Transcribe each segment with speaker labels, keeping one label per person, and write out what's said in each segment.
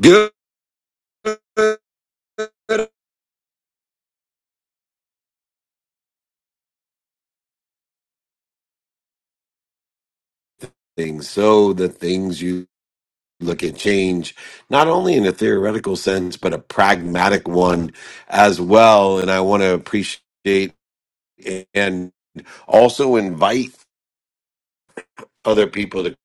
Speaker 1: Good things. So the things you look at change, not only in a theoretical sense, but a pragmatic one as well. And I want to appreciate and also invite other people to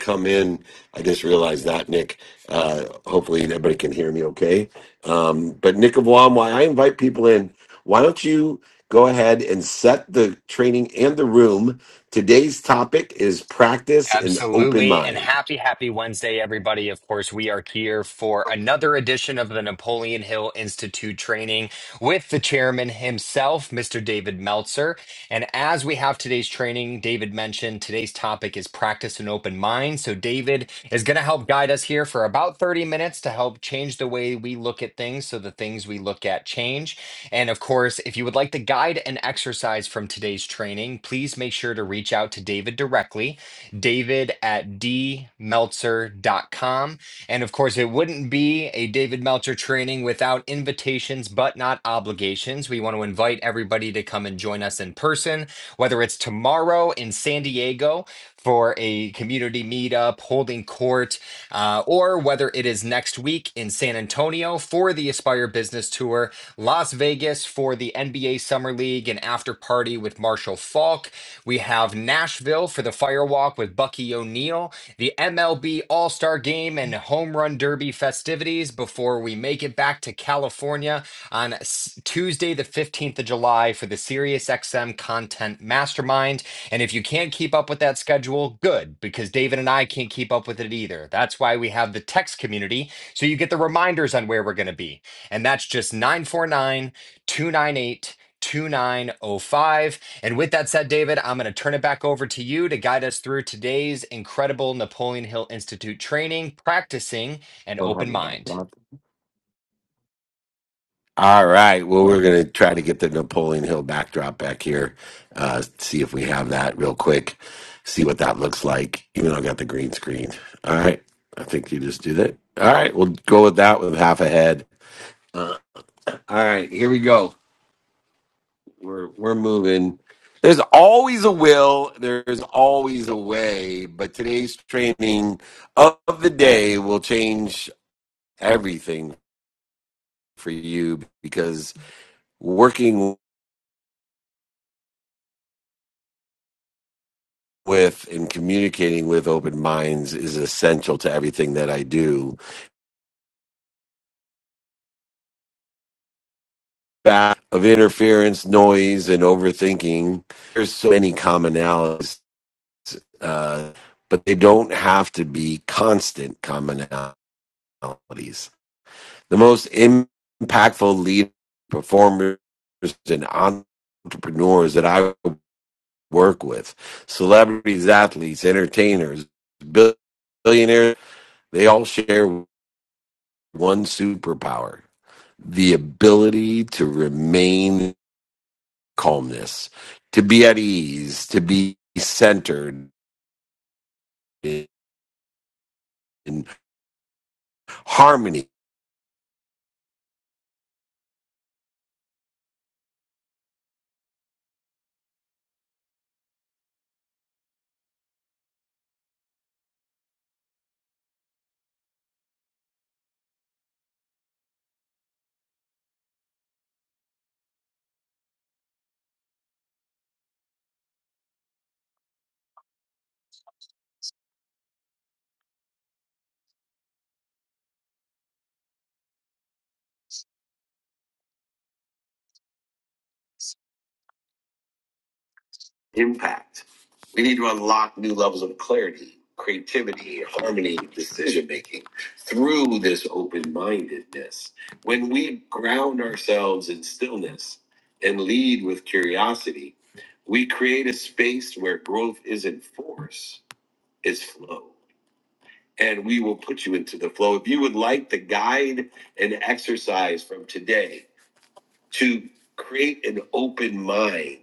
Speaker 1: come in. I just realized that, Nick. Uh, hopefully, everybody can hear me okay. Um, but, Nick of Wam, why I invite people in, why don't you go ahead and set the training and the room? Today's topic is practice and open
Speaker 2: Absolutely. And
Speaker 1: mind.
Speaker 2: happy, happy Wednesday, everybody. Of course, we are here for another edition of the Napoleon Hill Institute training with the chairman himself, Mr. David Meltzer. And as we have today's training, David mentioned today's topic is practice an open mind. So, David is going to help guide us here for about 30 minutes to help change the way we look at things so the things we look at change. And of course, if you would like the guide and exercise from today's training, please make sure to reach out to David directly. david at d meltzer dot com, And of course, it wouldn't be a David Meltzer training without invitations, but not obligations. We want to invite everybody to come and join us in person, whether it's tomorrow in San Diego for a community meetup, holding court, uh, or whether it is next week in San Antonio for the Aspire Business Tour, Las Vegas for the NBA Summer League and after party with Marshall Falk, we have Nashville for the firewalk with Bucky O'Neill, the MLB All Star Game and Home Run Derby festivities before we make it back to California on S- Tuesday, the 15th of July, for the SiriusXM Content Mastermind. And if you can't keep up with that schedule, good, because David and I can't keep up with it either. That's why we have the text community, so you get the reminders on where we're going to be. And that's just 949 298 2905. And with that said, David, I'm going to turn it back over to you to guide us through today's incredible Napoleon Hill Institute training, practicing an
Speaker 1: Don't have
Speaker 2: open
Speaker 1: the
Speaker 2: mind.
Speaker 1: backdrop. All right. Well, we're going to try to get the Napoleon Hill backdrop back here. Uh, see if we have that real quick. See what that looks like, even though I got the green screen. All right. I think you just do that. All right. We'll go with that with half a head. Uh, all right. Here we go. We're, we're moving. There's always a will, there's always a way, but today's training of the day will change everything for you because working with and communicating with open minds is essential to everything that I do. Back of interference, noise, and overthinking, there's so many commonalities, uh, but they don't have to be constant commonalities. The most impactful leaders, performers and entrepreneurs that I work with, celebrities, athletes, entertainers, billionaires, they all share one superpower the ability to remain calmness, to be at ease, to be centered in harmony
Speaker 3: impact. We need to unlock new levels of clarity, creativity, harmony, decision making through this open mindedness. When we ground ourselves in stillness and lead with curiosity, we create a space where growth isn't force, it's flow. And we will put you into the flow. If you would like the guide and exercise from today, to create an open mind,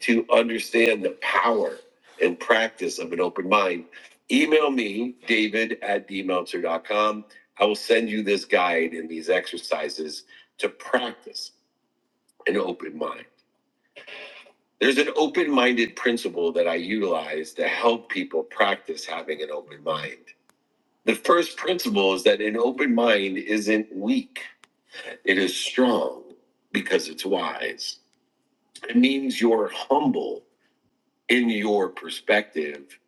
Speaker 3: to understand the power and practice of an open mind, email me, david at d meltzer dot com. I will send you this guide and these exercises to practice an open mind. There's an open minded principle that I utilize to help people practice having an open mind. The first principle is that an open mind isn't weak, it is strong because it's wise. It means you're humble in your perspective.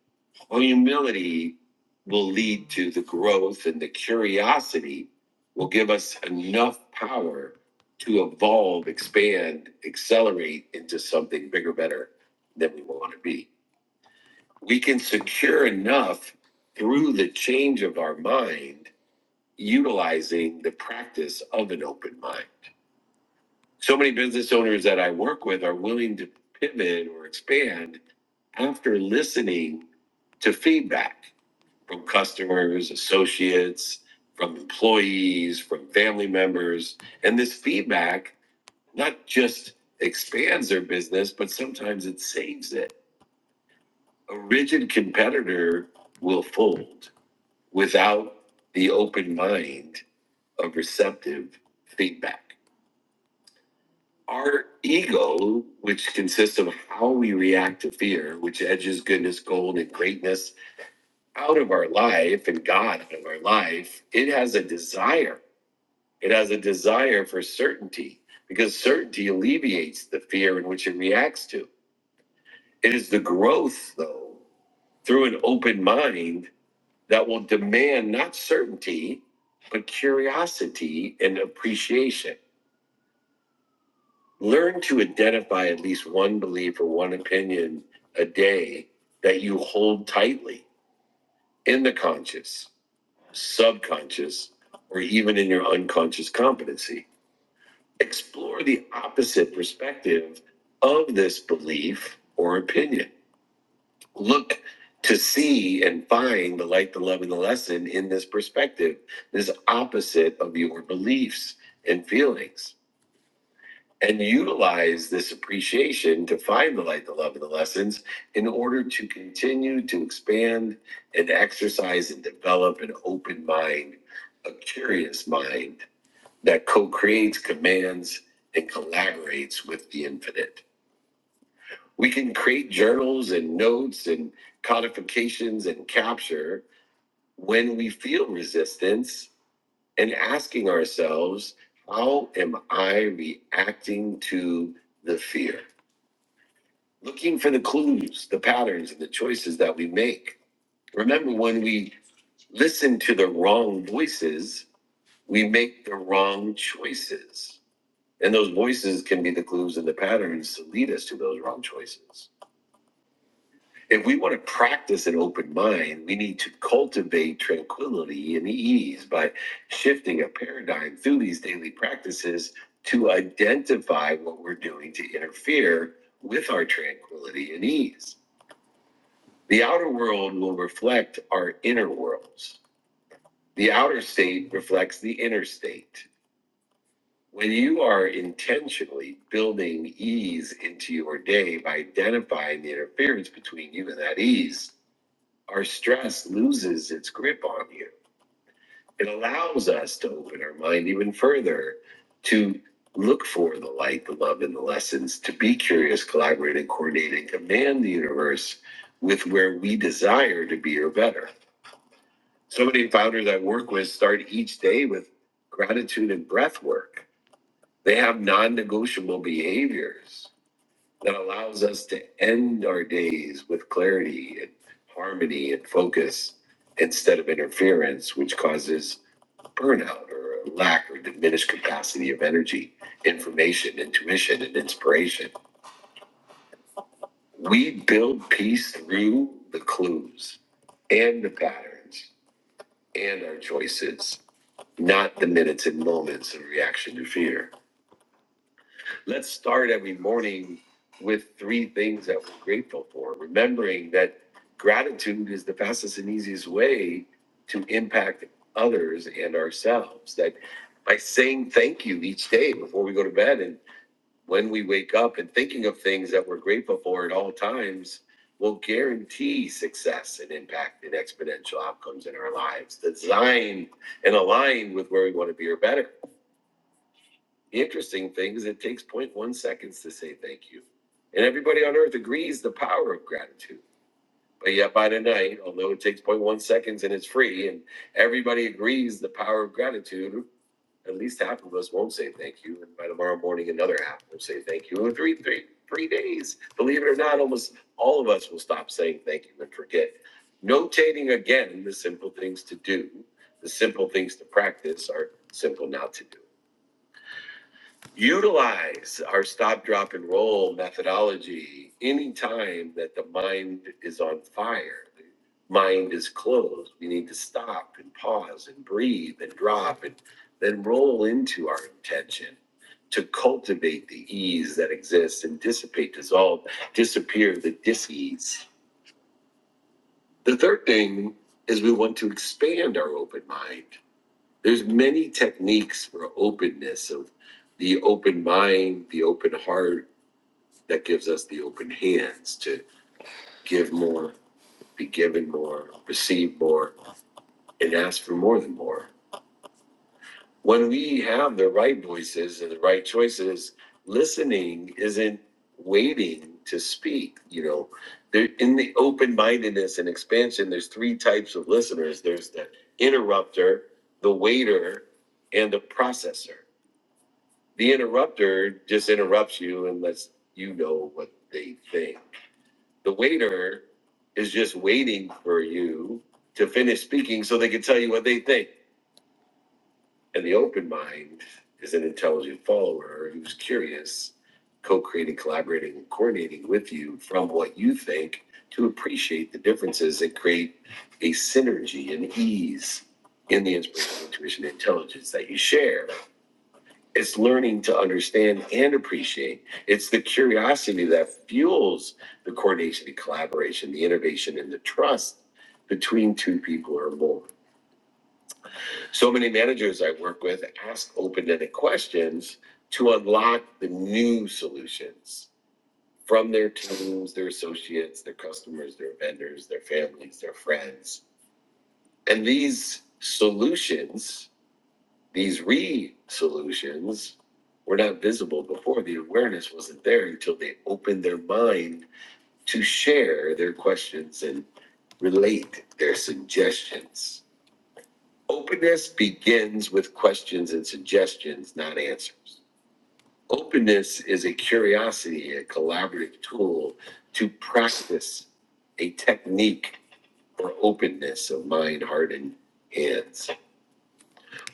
Speaker 3: Humility will lead to the growth, and the curiosity will give us enough power to evolve, expand, accelerate into something bigger, better than we want to be. We can secure enough through the change of our mind, utilizing the practice of an open mind. So many business owners that I work with are willing to pivot or expand after listening to feedback from customers, associates, from employees, from family members, and this feedback not just expands their business, but sometimes it saves it. A rigid competitor will fold without the open mind of receptive feedback. Our ego, which consists of how we react to fear, which edges goodness, gold, and greatness out of our life and God out of our life, it has a desire. It has a desire for certainty because certainty alleviates the fear in which it reacts to. It is the growth, though, through an open mind that will demand not certainty, but curiosity and appreciation. Learn to identify at least one belief or one opinion a day that you hold tightly in the conscious subconscious, or even in your unconscious competency. Explore the opposite perspective of this belief or opinion. Look to see and find the light, the love, and the lesson in this perspective, this opposite of your beliefs and feelings and utilize this appreciation to find the light, the love, and the lessons in order to continue to expand and exercise and develop an open mind, a curious mind that co creates, commands, and collaborates with the infinite. We can create journals and notes and codifications and capture when we feel resistance and asking ourselves, how am I reacting to the fear? looking for the clues, the patterns, and the choices that we make. Remember, when we listen to the wrong voices, we make the wrong choices. And those voices can be the clues and the patterns to lead us to those wrong choices. If we want to practice an open mind, we need to cultivate tranquility and ease by shifting a paradigm through these daily practices to identify what we're doing to interfere with our tranquility and ease. The outer world will reflect our inner worlds. The outer state reflects the inner state. When you are intentionally building ease into your day by identifying the interference between you and that ease, our stress loses its grip on you. It allows us to open our mind even further to look for the light, the love, and the lessons, to be curious, collaborate, and coordinate, and command the universe with where we desire to be or better So many founders I work with start each day with gratitude and breath work. They have non negotiable behaviors that allows us to end our days with clarity and harmony and focus instead of interference, which causes burnout or a lack or diminished capacity of energy, information, intuition, and inspiration. We build peace through the clues and the patterns and our choices, not the minutes and moments of reaction to fear. Let's start every morning with three things that we're grateful for, remembering that gratitude is the fastest and easiest way to impact others and ourselves. That by saying thank you each day before we go to bed and when we wake up and thinking of things that we're grateful for at all times will guarantee success and impact and exponential outcomes in our lives designed and aligned with where we want to be or better the interesting thing is it takes zero point 0.1 seconds to say thank you and everybody on earth agrees the power of gratitude but yet by tonight although it takes zero point 0.1 seconds and it's free and everybody agrees the power of gratitude at least half of us won't say thank you. And by tomorrow morning, another half will say thank you. In three, three, three days, believe it or not, almost all of us will stop saying thank you and forget. Notating again the simple things to do, the simple things to practice are simple not to do utilize our stop, drop, and roll methodology anytime that the mind is on fire. The mind is closed. We need to stop and pause and breathe and drop and then roll into our intention to cultivate the ease that exists and dissipate, dissolve, disappear the dis ease. The third thing is we want to expand our open mind there's many techniques for openness of the open mind, the open heart that gives us the open hands to give more, be given more, receive more, and ask for more than more. When we have the right voices and the right choices, listening isn't waiting to speak. You know, there in the open mindedness and expansion, there's three types of listeners. There's the interrupter, the waiter, and the processor The interrupter just interrupts you and lets you know what they think. The waiter is just waiting for you to finish speaking so they can tell you what they think. And the open mind is an intelligent follower who's curious, co creating, collaborating, and coordinating with you from what you think to appreciate the differences and create a synergy and ease in the inspiration, intuition, and intelligence that you share. It's learning to understand and appreciate. It's the curiosity that fuels the coordination and collaboration, the innovation and the trust between two people or more. So many managers I work with ask open ended questions to unlock the new solutions from their teams, their associates, their customers, their vendors, their families, their friends. And these solutions These re solutions were not visible before. The awareness wasn't there until they opened their mind to share their questions and relate their suggestions. Openness begins with questions and suggestions, not answers. Openness is a curiosity, a collaborative tool to practice a technique for openness of mind, heart, and hands.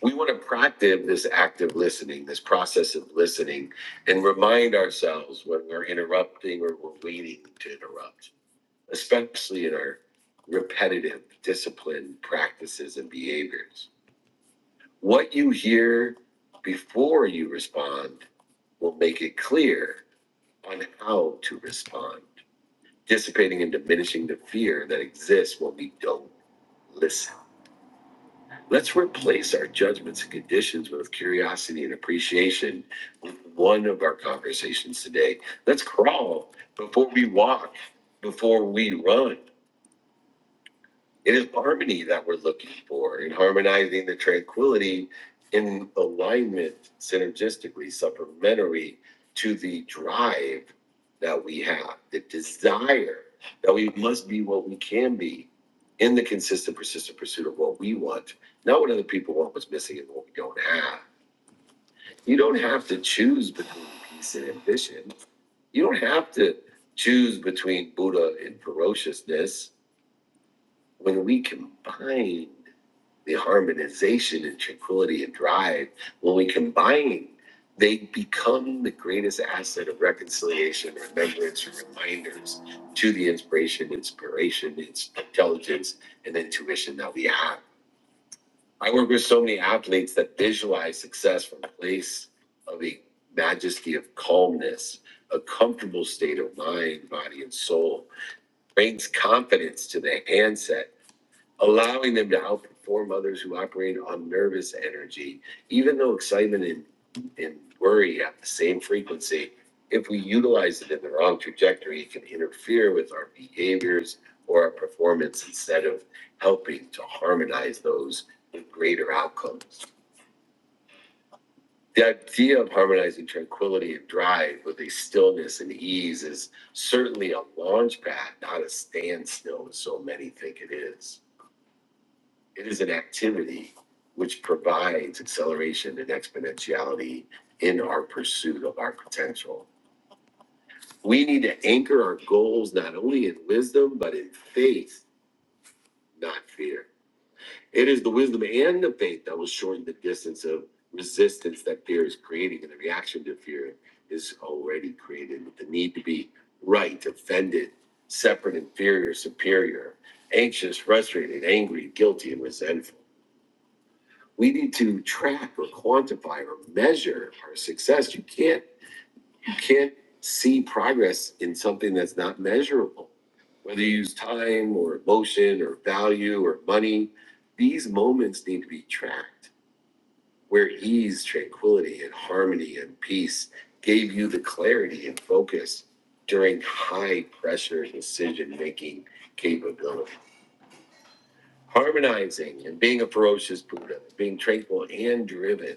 Speaker 3: we want to practice this active listening, this process of listening, and remind ourselves when we're interrupting or we're waiting to interrupt, especially in our repetitive discipline practices and behaviors. What you hear before you respond will make it clear on how to respond, dissipating and diminishing the fear that exists when we don't listen. Let's replace our judgments and conditions with curiosity and appreciation. One of our conversations today. Let's crawl before we walk, before we run. It is harmony that we're looking for and harmonizing the tranquility in alignment, synergistically, supplementary to the drive that we have, the desire that we must be what we can be in the consistent, persistent pursuit of what we want, not what other people want, what's missing, and what we don't have. You don't have to choose between peace and ambition. You don't have to choose between Buddha and ferociousness. When we combine the harmonization and tranquility and drive, when we combine, they become the greatest asset of reconciliation, remembrance, and reminders to the inspiration, inspiration, ins- intelligence, and intuition that we have. I work with so many athletes that visualize success from a place of a majesty of calmness, a comfortable state of mind, body, and soul, brings confidence to the handset allowing them to outperform others who operate on nervous energy, even though excitement and, and worry have the same frequency. If we utilize it in the wrong trajectory, it can interfere with our behaviors or our performance instead of helping to harmonize those with greater outcomes. The idea of harmonizing tranquility and drive with a stillness and ease is certainly a launch pad, not a standstill, as so many think it is. It is an activity which provides acceleration and exponentiality in our pursuit of our potential. We need to anchor our goals not only in wisdom, but in faith, not fear. It is the wisdom and the faith that will shorten the distance of resistance that fear is creating and the reaction to fear is already created with the need to be right, offended, separate, inferior, superior, anxious, frustrated, angry, guilty, and resentful. we need to track or quantify or measure our success. You can't you can't see progress in something that's not measurable. Whether you use time or emotion or value or money, these moments need to be tracked where ease, tranquility, and harmony and peace gave you the clarity and focus during high pressure decision making capability. Harmonizing and being a ferocious Buddha, being tranquil and driven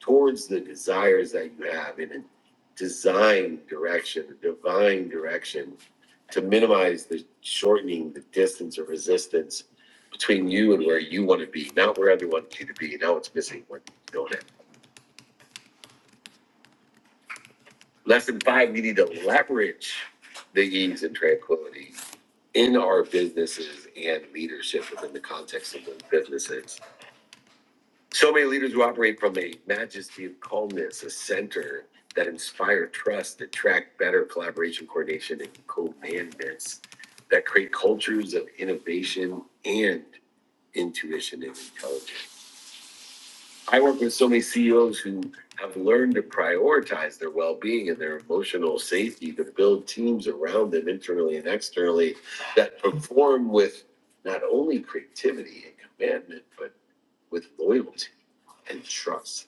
Speaker 3: towards the desires that you have in a design direction, a divine direction, to minimize the shortening the distance or resistance between you and where you want to be, not where everyone wants you to be. Now it's missing what you don't have. Lesson five, we need to leverage the ease and tranquility in our businesses and leadership within the context of those businesses So many leaders who operate from a majesty of calmness, a center that inspire trust, that track better collaboration, coordination, and co-management, that create cultures of innovation and intuition and intelligence. I work with so many CEOs who have learned to prioritize their well-being and their emotional safety to build teams around them internally and externally that perform with not only creativity and commandment, but with loyalty and trust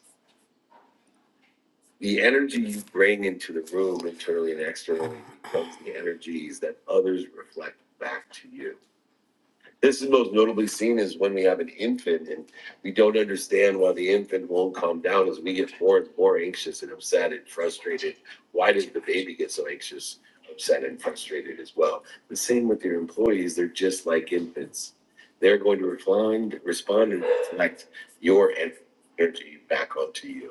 Speaker 3: the energy you bring into the room internally and externally becomes the energies that others reflect back to you. This is most notably seen is when we have an infant and we don't understand why the infant won't calm down as we get more and more anxious and upset and frustrated. Why does the baby get so anxious, upset, and frustrated as well? The same with your employees, they're just like infants. They're going to respond, respond and reflect your energy back onto you.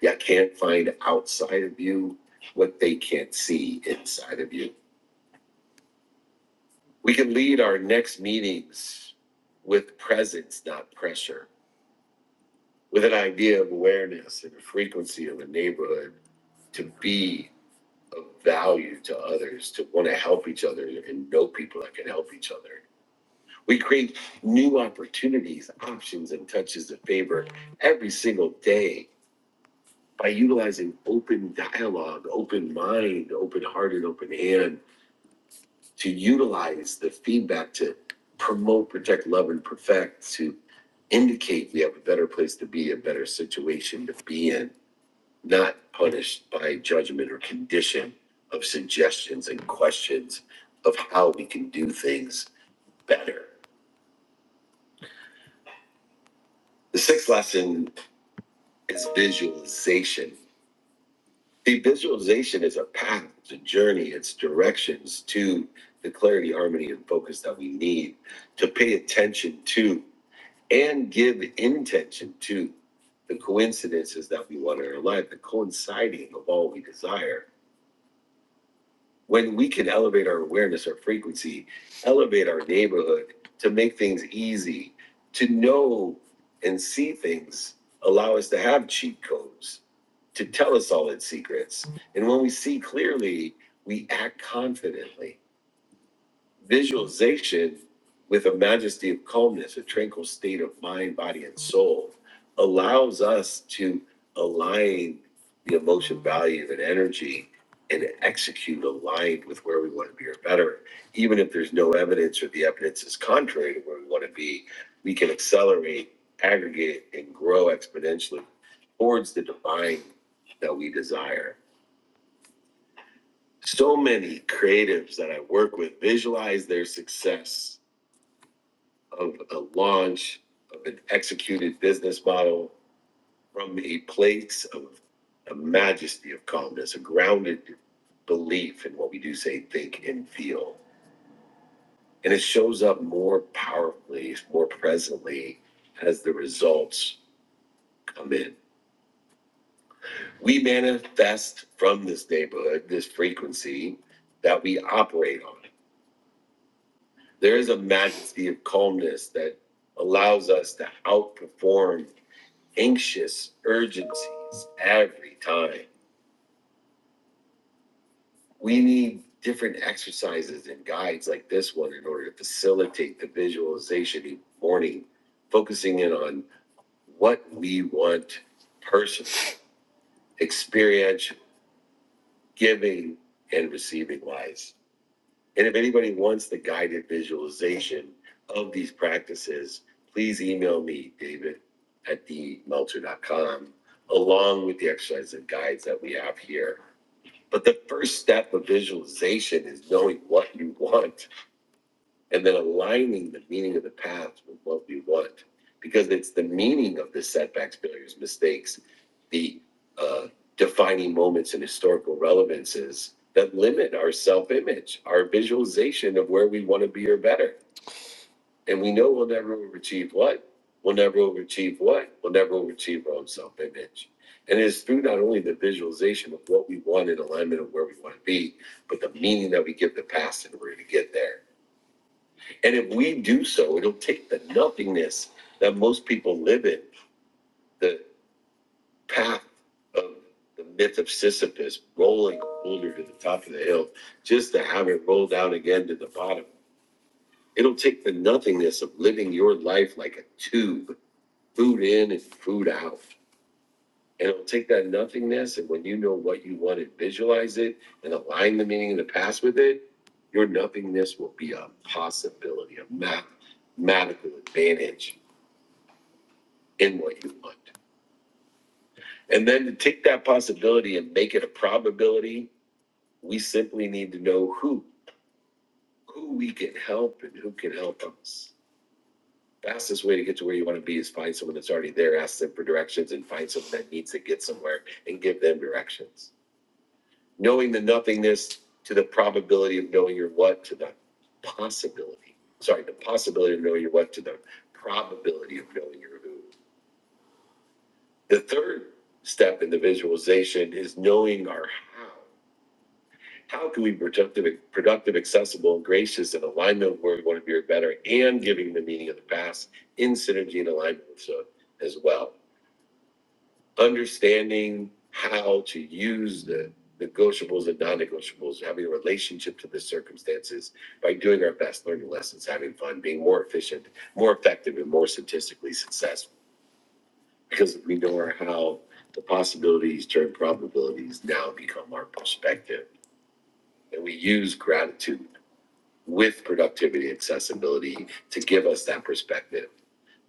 Speaker 3: You can't find outside of you what they can't see inside of you. We can lead our next meetings with presence, not pressure, with an idea of awareness and a frequency of a neighborhood to be of value to others, to want to help each other and know people that can help each other. We create new opportunities, options, and touches of favor every single day by utilizing open dialogue, open mind, open heart, and open hand to utilize the feedback to promote, protect, love, and perfect, to indicate we have a better place to be, a better situation to be in, not punished by judgment or condition of suggestions and questions of how we can do things better. The sixth lesson is visualization. The visualization is a path, it's a journey, it's directions to the clarity, harmony, and focus that we need to pay attention to and give intention to the coincidences that we want in our life, the coinciding of all we desire, when we can elevate our awareness, our frequency, elevate our neighborhood to make things easy, to know and see things, allow us to have cheat codes, to tell us all its secrets. And when we see clearly, we act confidently. Visualization with a majesty of calmness, a tranquil state of mind, body, and soul allows us to align the emotion value and energy and execute aligned with where we want to be or better. Even if there's no evidence or the evidence is contrary to where we want to be, we can accelerate, aggregate, and grow exponentially towards the divine that we desire. So many creatives that I work with visualize their success of a launch of an executed business model from a place of a majesty of calmness, a grounded belief in what we do say, think, and feel. And it shows up more powerfully, more presently as the results come in. We manifest from this neighborhood, this frequency that we operate on. There is a majesty of calmness that allows us to outperform anxious urgencies every time. We need different exercises and guides like this one in order to facilitate the visualization in the morning, focusing in on what we want personally, experiential, giving and receiving wise. And if anybody wants the guided visualization of these practices, please email me, David at dmelter.com, along with the exercises and guides that we have here But the first step of visualization is knowing what you want and then aligning the meaning of the path with what you want. Because it's the meaning of the setbacks, failures, mistakes, the uh, defining moments and historical relevances that limit our self image, our visualization of where we want to be or better. And we know we'll never overachieve what? We'll never overachieve what? We'll never overachieve our own self image. And it's through not only the visualization of what we want in alignment of where we want to be, but the meaning that we give the past in order to get there. And if we do so, it'll take the nothingness that most people live in, the path of the myth of Sisyphus rolling a boulder to the top of the hill, just to have it roll down again to the bottom. It'll take the nothingness of living your life like a tube food in and food out. And it'll take that nothingness, and when you know what you want and visualize it and align the meaning of the past with it, your nothingness will be a possibility, a mathematical advantage in what you want. And then to take that possibility and make it a probability, we simply need to know who, who we can help and who can help us. Fastest way to get to where you want to be is find someone that's already there, ask them for directions, and find someone that needs to get somewhere and give them directions knowing the nothingness to the probability of knowing your what to the possibility. Sorry, the possibility of knowing your what to the probability of knowing your who. The third step in the visualization is knowing our how. How can we be productive, productive, accessible, and gracious in alignment with where we want to be or better, and giving the meaning of the past in synergy and alignment with so as well. understanding how to use the negotiables and non-negotiables, having a relationship to the circumstances by doing our best, learning lessons, having fun, being more efficient, more effective, and more statistically successful. Because we know our how, the possibilities turn probabilities now become our perspective. And we use gratitude with productivity and accessibility to give us that perspective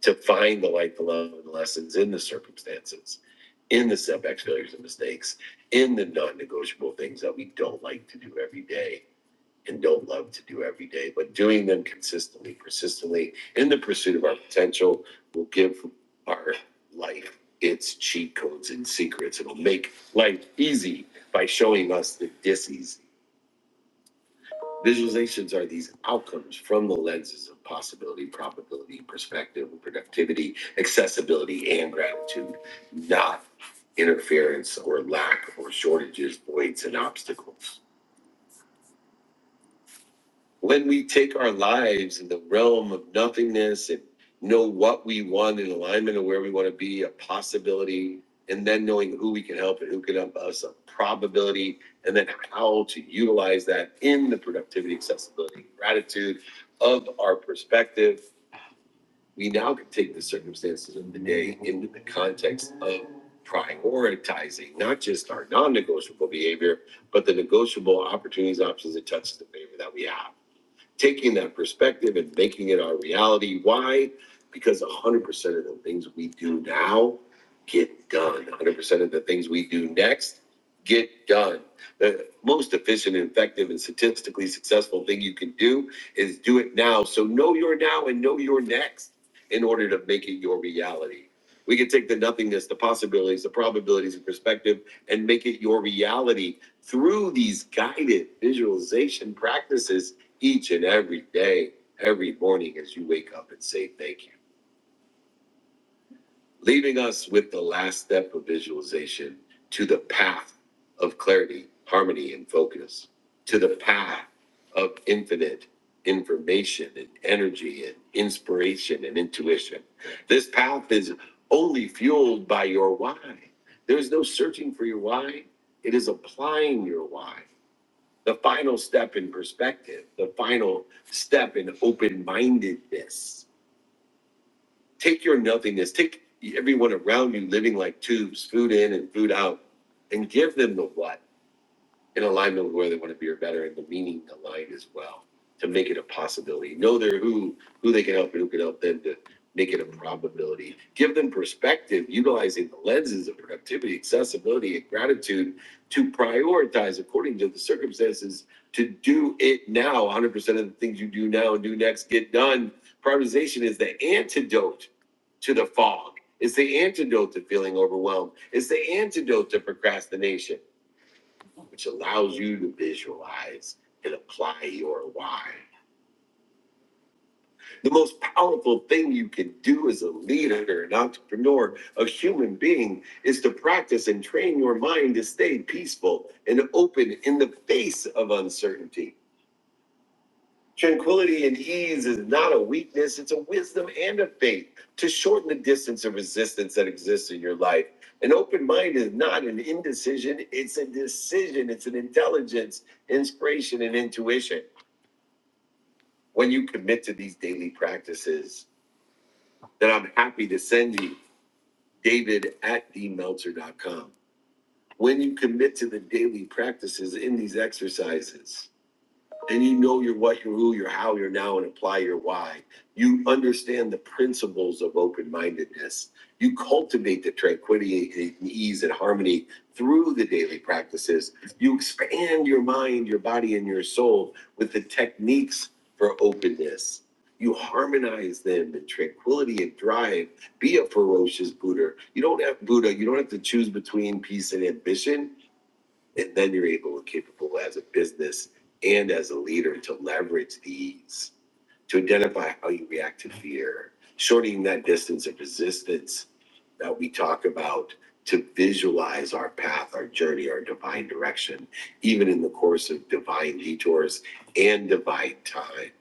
Speaker 3: to find the light, the love, and the lessons in the circumstances, in the setbacks, failures, and mistakes, in the non-negotiable things that we don't like to do every day and don't love to do every day, but doing them consistently, persistently, in the pursuit of our potential will give our life its cheat codes and secrets. It'll make life easy by showing us the dissies Visualizations are these outcomes from the lenses of possibility, probability, perspective, productivity, accessibility, and gratitude, not interference or lack or shortages, voids, and obstacles when we take our lives in the realm of nothingness and know what we want in alignment of where we want to be, a possibility, and then knowing who we can help and who can help us, a probability, and then how to utilize that in the productivity, accessibility, gratitude of our perspective, we now can take the circumstances of the day into the context of prioritizing not just our non negotiable behavior, but the negotiable opportunities, options, and touches of behavior that we have taking that perspective and making it our reality. Why? Because 100% of the things we do now get done. 100% of the things we do next get done. The most efficient, effective, and statistically successful thing you can do is do it now. So know your now and know your next in order to make it your reality. We can take the nothingness, the possibilities, the probabilities, and perspective, and make it your reality through these guided visualization practices each and every day, every morning as you wake up and say thank you leaving us with the last step of visualization to the path of clarity, harmony, and focus, to the path of infinite information and energy and inspiration and intuition. This path is only fueled by your why. There is no searching for your why, it is applying your why. The final step in perspective, the final step in open mindedness take your nothingness, take everyone around you living like tubes, food in and food out, and give them the what in alignment with where they want to be or better and the meaning aligned as well to make it a possibility. Know their who, who they can help and who can help them to make it a probability. Give them perspective, utilizing the lenses of productivity, accessibility, and gratitude to prioritize according to the circumstances, to do it now. 100% of the things you do now and do next get done. Prioritization is the antidote to the fog. It's the antidote to feeling overwhelmed. It's the antidote to procrastination which allows you to visualize and apply your why. The most powerful thing you can do as a leader, an entrepreneur, a human being is to practice and train your mind to stay peaceful and open in the face of uncertainty. Tranquility and ease is not a weakness, it's a wisdom and a faith to shorten the distance of resistance that exists in your life. An open mind is not an indecision, it's a decision, it's an intelligence, inspiration, and intuition. when you commit to these daily practices that I'm happy to send you, David at dmelzer.com. When you commit to the daily practices in these exercises, and you know your what, your who, your how, your now, and apply your why. You understand the principles of open mindedness. You cultivate the tranquility and ease and harmony through the daily practices. You expand your mind, your body, and your soul with the techniques for openness. You harmonize them in tranquility and drive. Be a ferocious Buddha. You don't have Buddha. You don't have to choose between peace and ambition and then you're able and capable as a business and as a leader to leverage these to identify how you react to fear, shortening that distance of resistance that we talk about to visualize our path, our journey, our divine direction, even in the course of divine detours and divine time.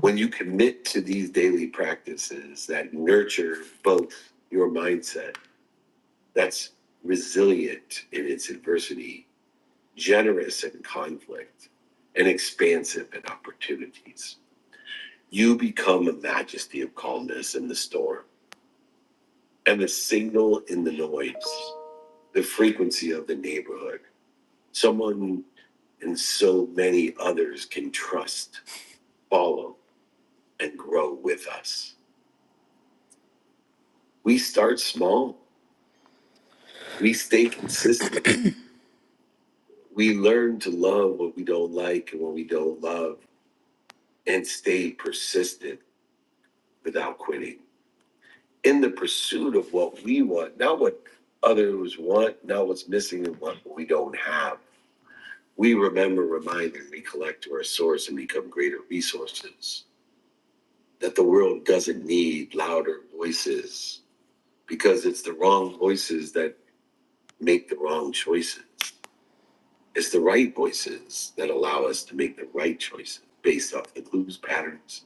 Speaker 3: When you commit to these daily practices that nurture both your mindset that's resilient in its adversity generous in conflict, and expansive in opportunities. You become a majesty of calmness in the storm and a signal in the noise, the frequency of the neighborhood. Someone and so many others can trust, follow, and grow with us. We start small, we stay consistent, we learn to love what we don't like and what we don't love, and stay persistent without quitting. in the pursuit of what we want, not what others want, not what's missing and what we don't have. We remember, remind, and recollect to our source and become greater resources. That the world doesn't need louder voices because it's the wrong voices that make the wrong choices. It's the right voices that allow us to make the right choices based off the clues patterns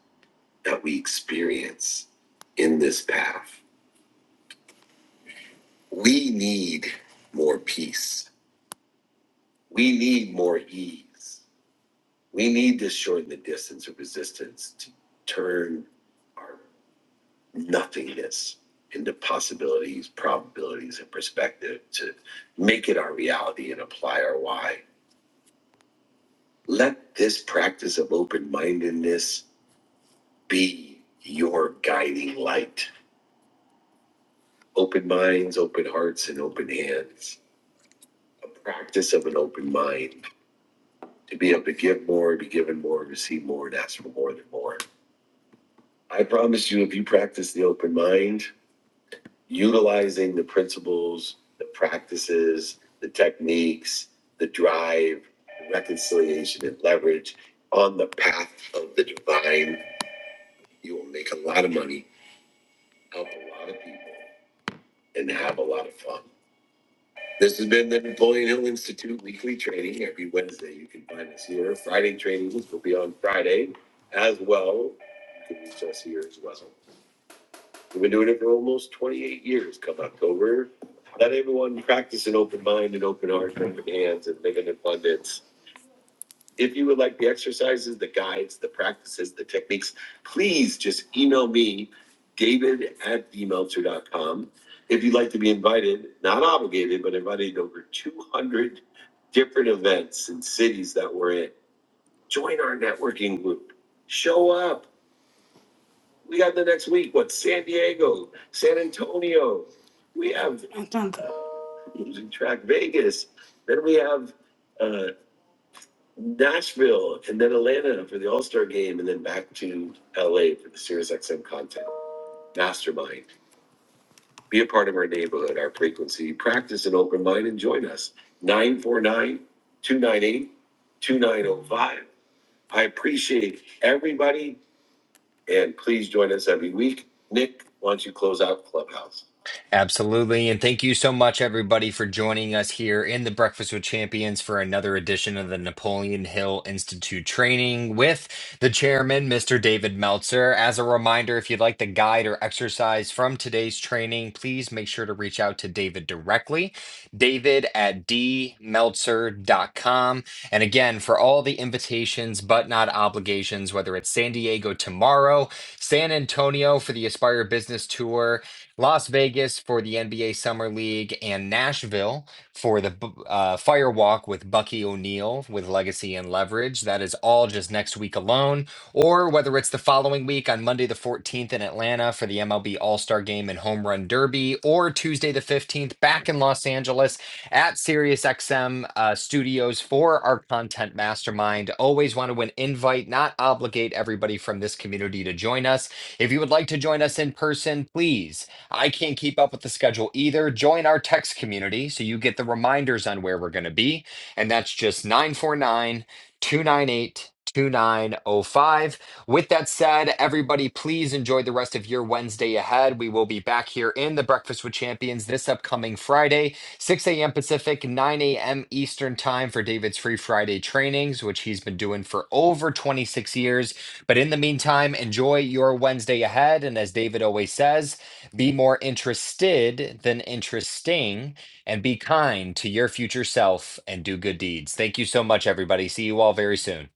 Speaker 3: that we experience in this path. We need more peace We need more ease. We need to shorten the distance of resistance to turn our nothingness into possibilities, probabilities, and perspective to make it our reality and apply our why. Let this practice of open mindedness be your guiding light. Open minds, open hearts, and open hands. A practice of an open mind to be able to give more, be given more, receive more, and ask for more than more I promise you, if you practice the open mind, utilizing the principles, the practices, the techniques, the drive, the reconciliation, and leverage on the path of the divine, you will make a lot of money, help a lot of people, and have a lot of fun. This has been the Napoleon Hill Institute weekly training every Wednesday. You can find us here. Friday trainings will be on Friday as well. You can reach us here as well. We've been doing it for almost twenty-eight years come October. Let everyone practice an open mind and open heart and open hands and live in abundance. If you would like the exercises, the guides, the practices, the techniques, please just email me, david at d meltzer dot com. If you'd like to be invited, not obligated, but invited to over two hundred different events in cities that we're in, join our networking group. Show up. We got the next week. What? San Diego, San Antonio. We have i losing track Vegas. Then we have uh, Nashville, and then Atlanta for the All Star game, and then back to LA for the SiriusXM content. Mastermind. Be a part of our neighborhood, our frequency. Practice an open mind and join us. 949 298 2905. I appreciate everybody, and please join us every week. Nick, why don't you close out Clubhouse?
Speaker 2: Absolutely. And thank you so much, everybody, for joining us here in the Breakfast with Champions for another edition of the Napoleon Hill Institute training with the chairman, Mr. David Meltzer. As a reminder, if you'd like the guide or exercise from today's training, please make sure to reach out to David directly, david at d meltzer dot com. And again, for all the invitations but not obligations, whether it's San Diego tomorrow, San Antonio for the Aspire Business Tour, Las Vegas for the NBA Summer League, and Nashville for the bu- uh, Fire Walk with Bucky O'Neill with Legacy and Leverage. That is all just next week alone, or whether it's the following week on Monday the 14th in Atlanta for the MLB All Star Game and Home Run Derby, or Tuesday the 15th back in Los Angeles at SiriusXM uh, Studios for our content mastermind. Always want to win invite, not obligate everybody from this community to join us. If you would like to join us in person, please I can't keep up with the schedule either. Join our text community so you get the reminders on where we're going to be. And that's just 949 298 2905. With that said, everybody, please enjoy the rest of your Wednesday ahead. We will be back here in the Breakfast with Champions this upcoming Friday, 6 a.m. Pacific, 9 a.m. Eastern Time for David's Free Friday trainings, which he's been doing for over 26 years. But in the meantime, enjoy your Wednesday ahead. And as David always says, be more interested than interesting and be kind to your future self and do good deeds. Thank you so much, everybody. See you all very soon.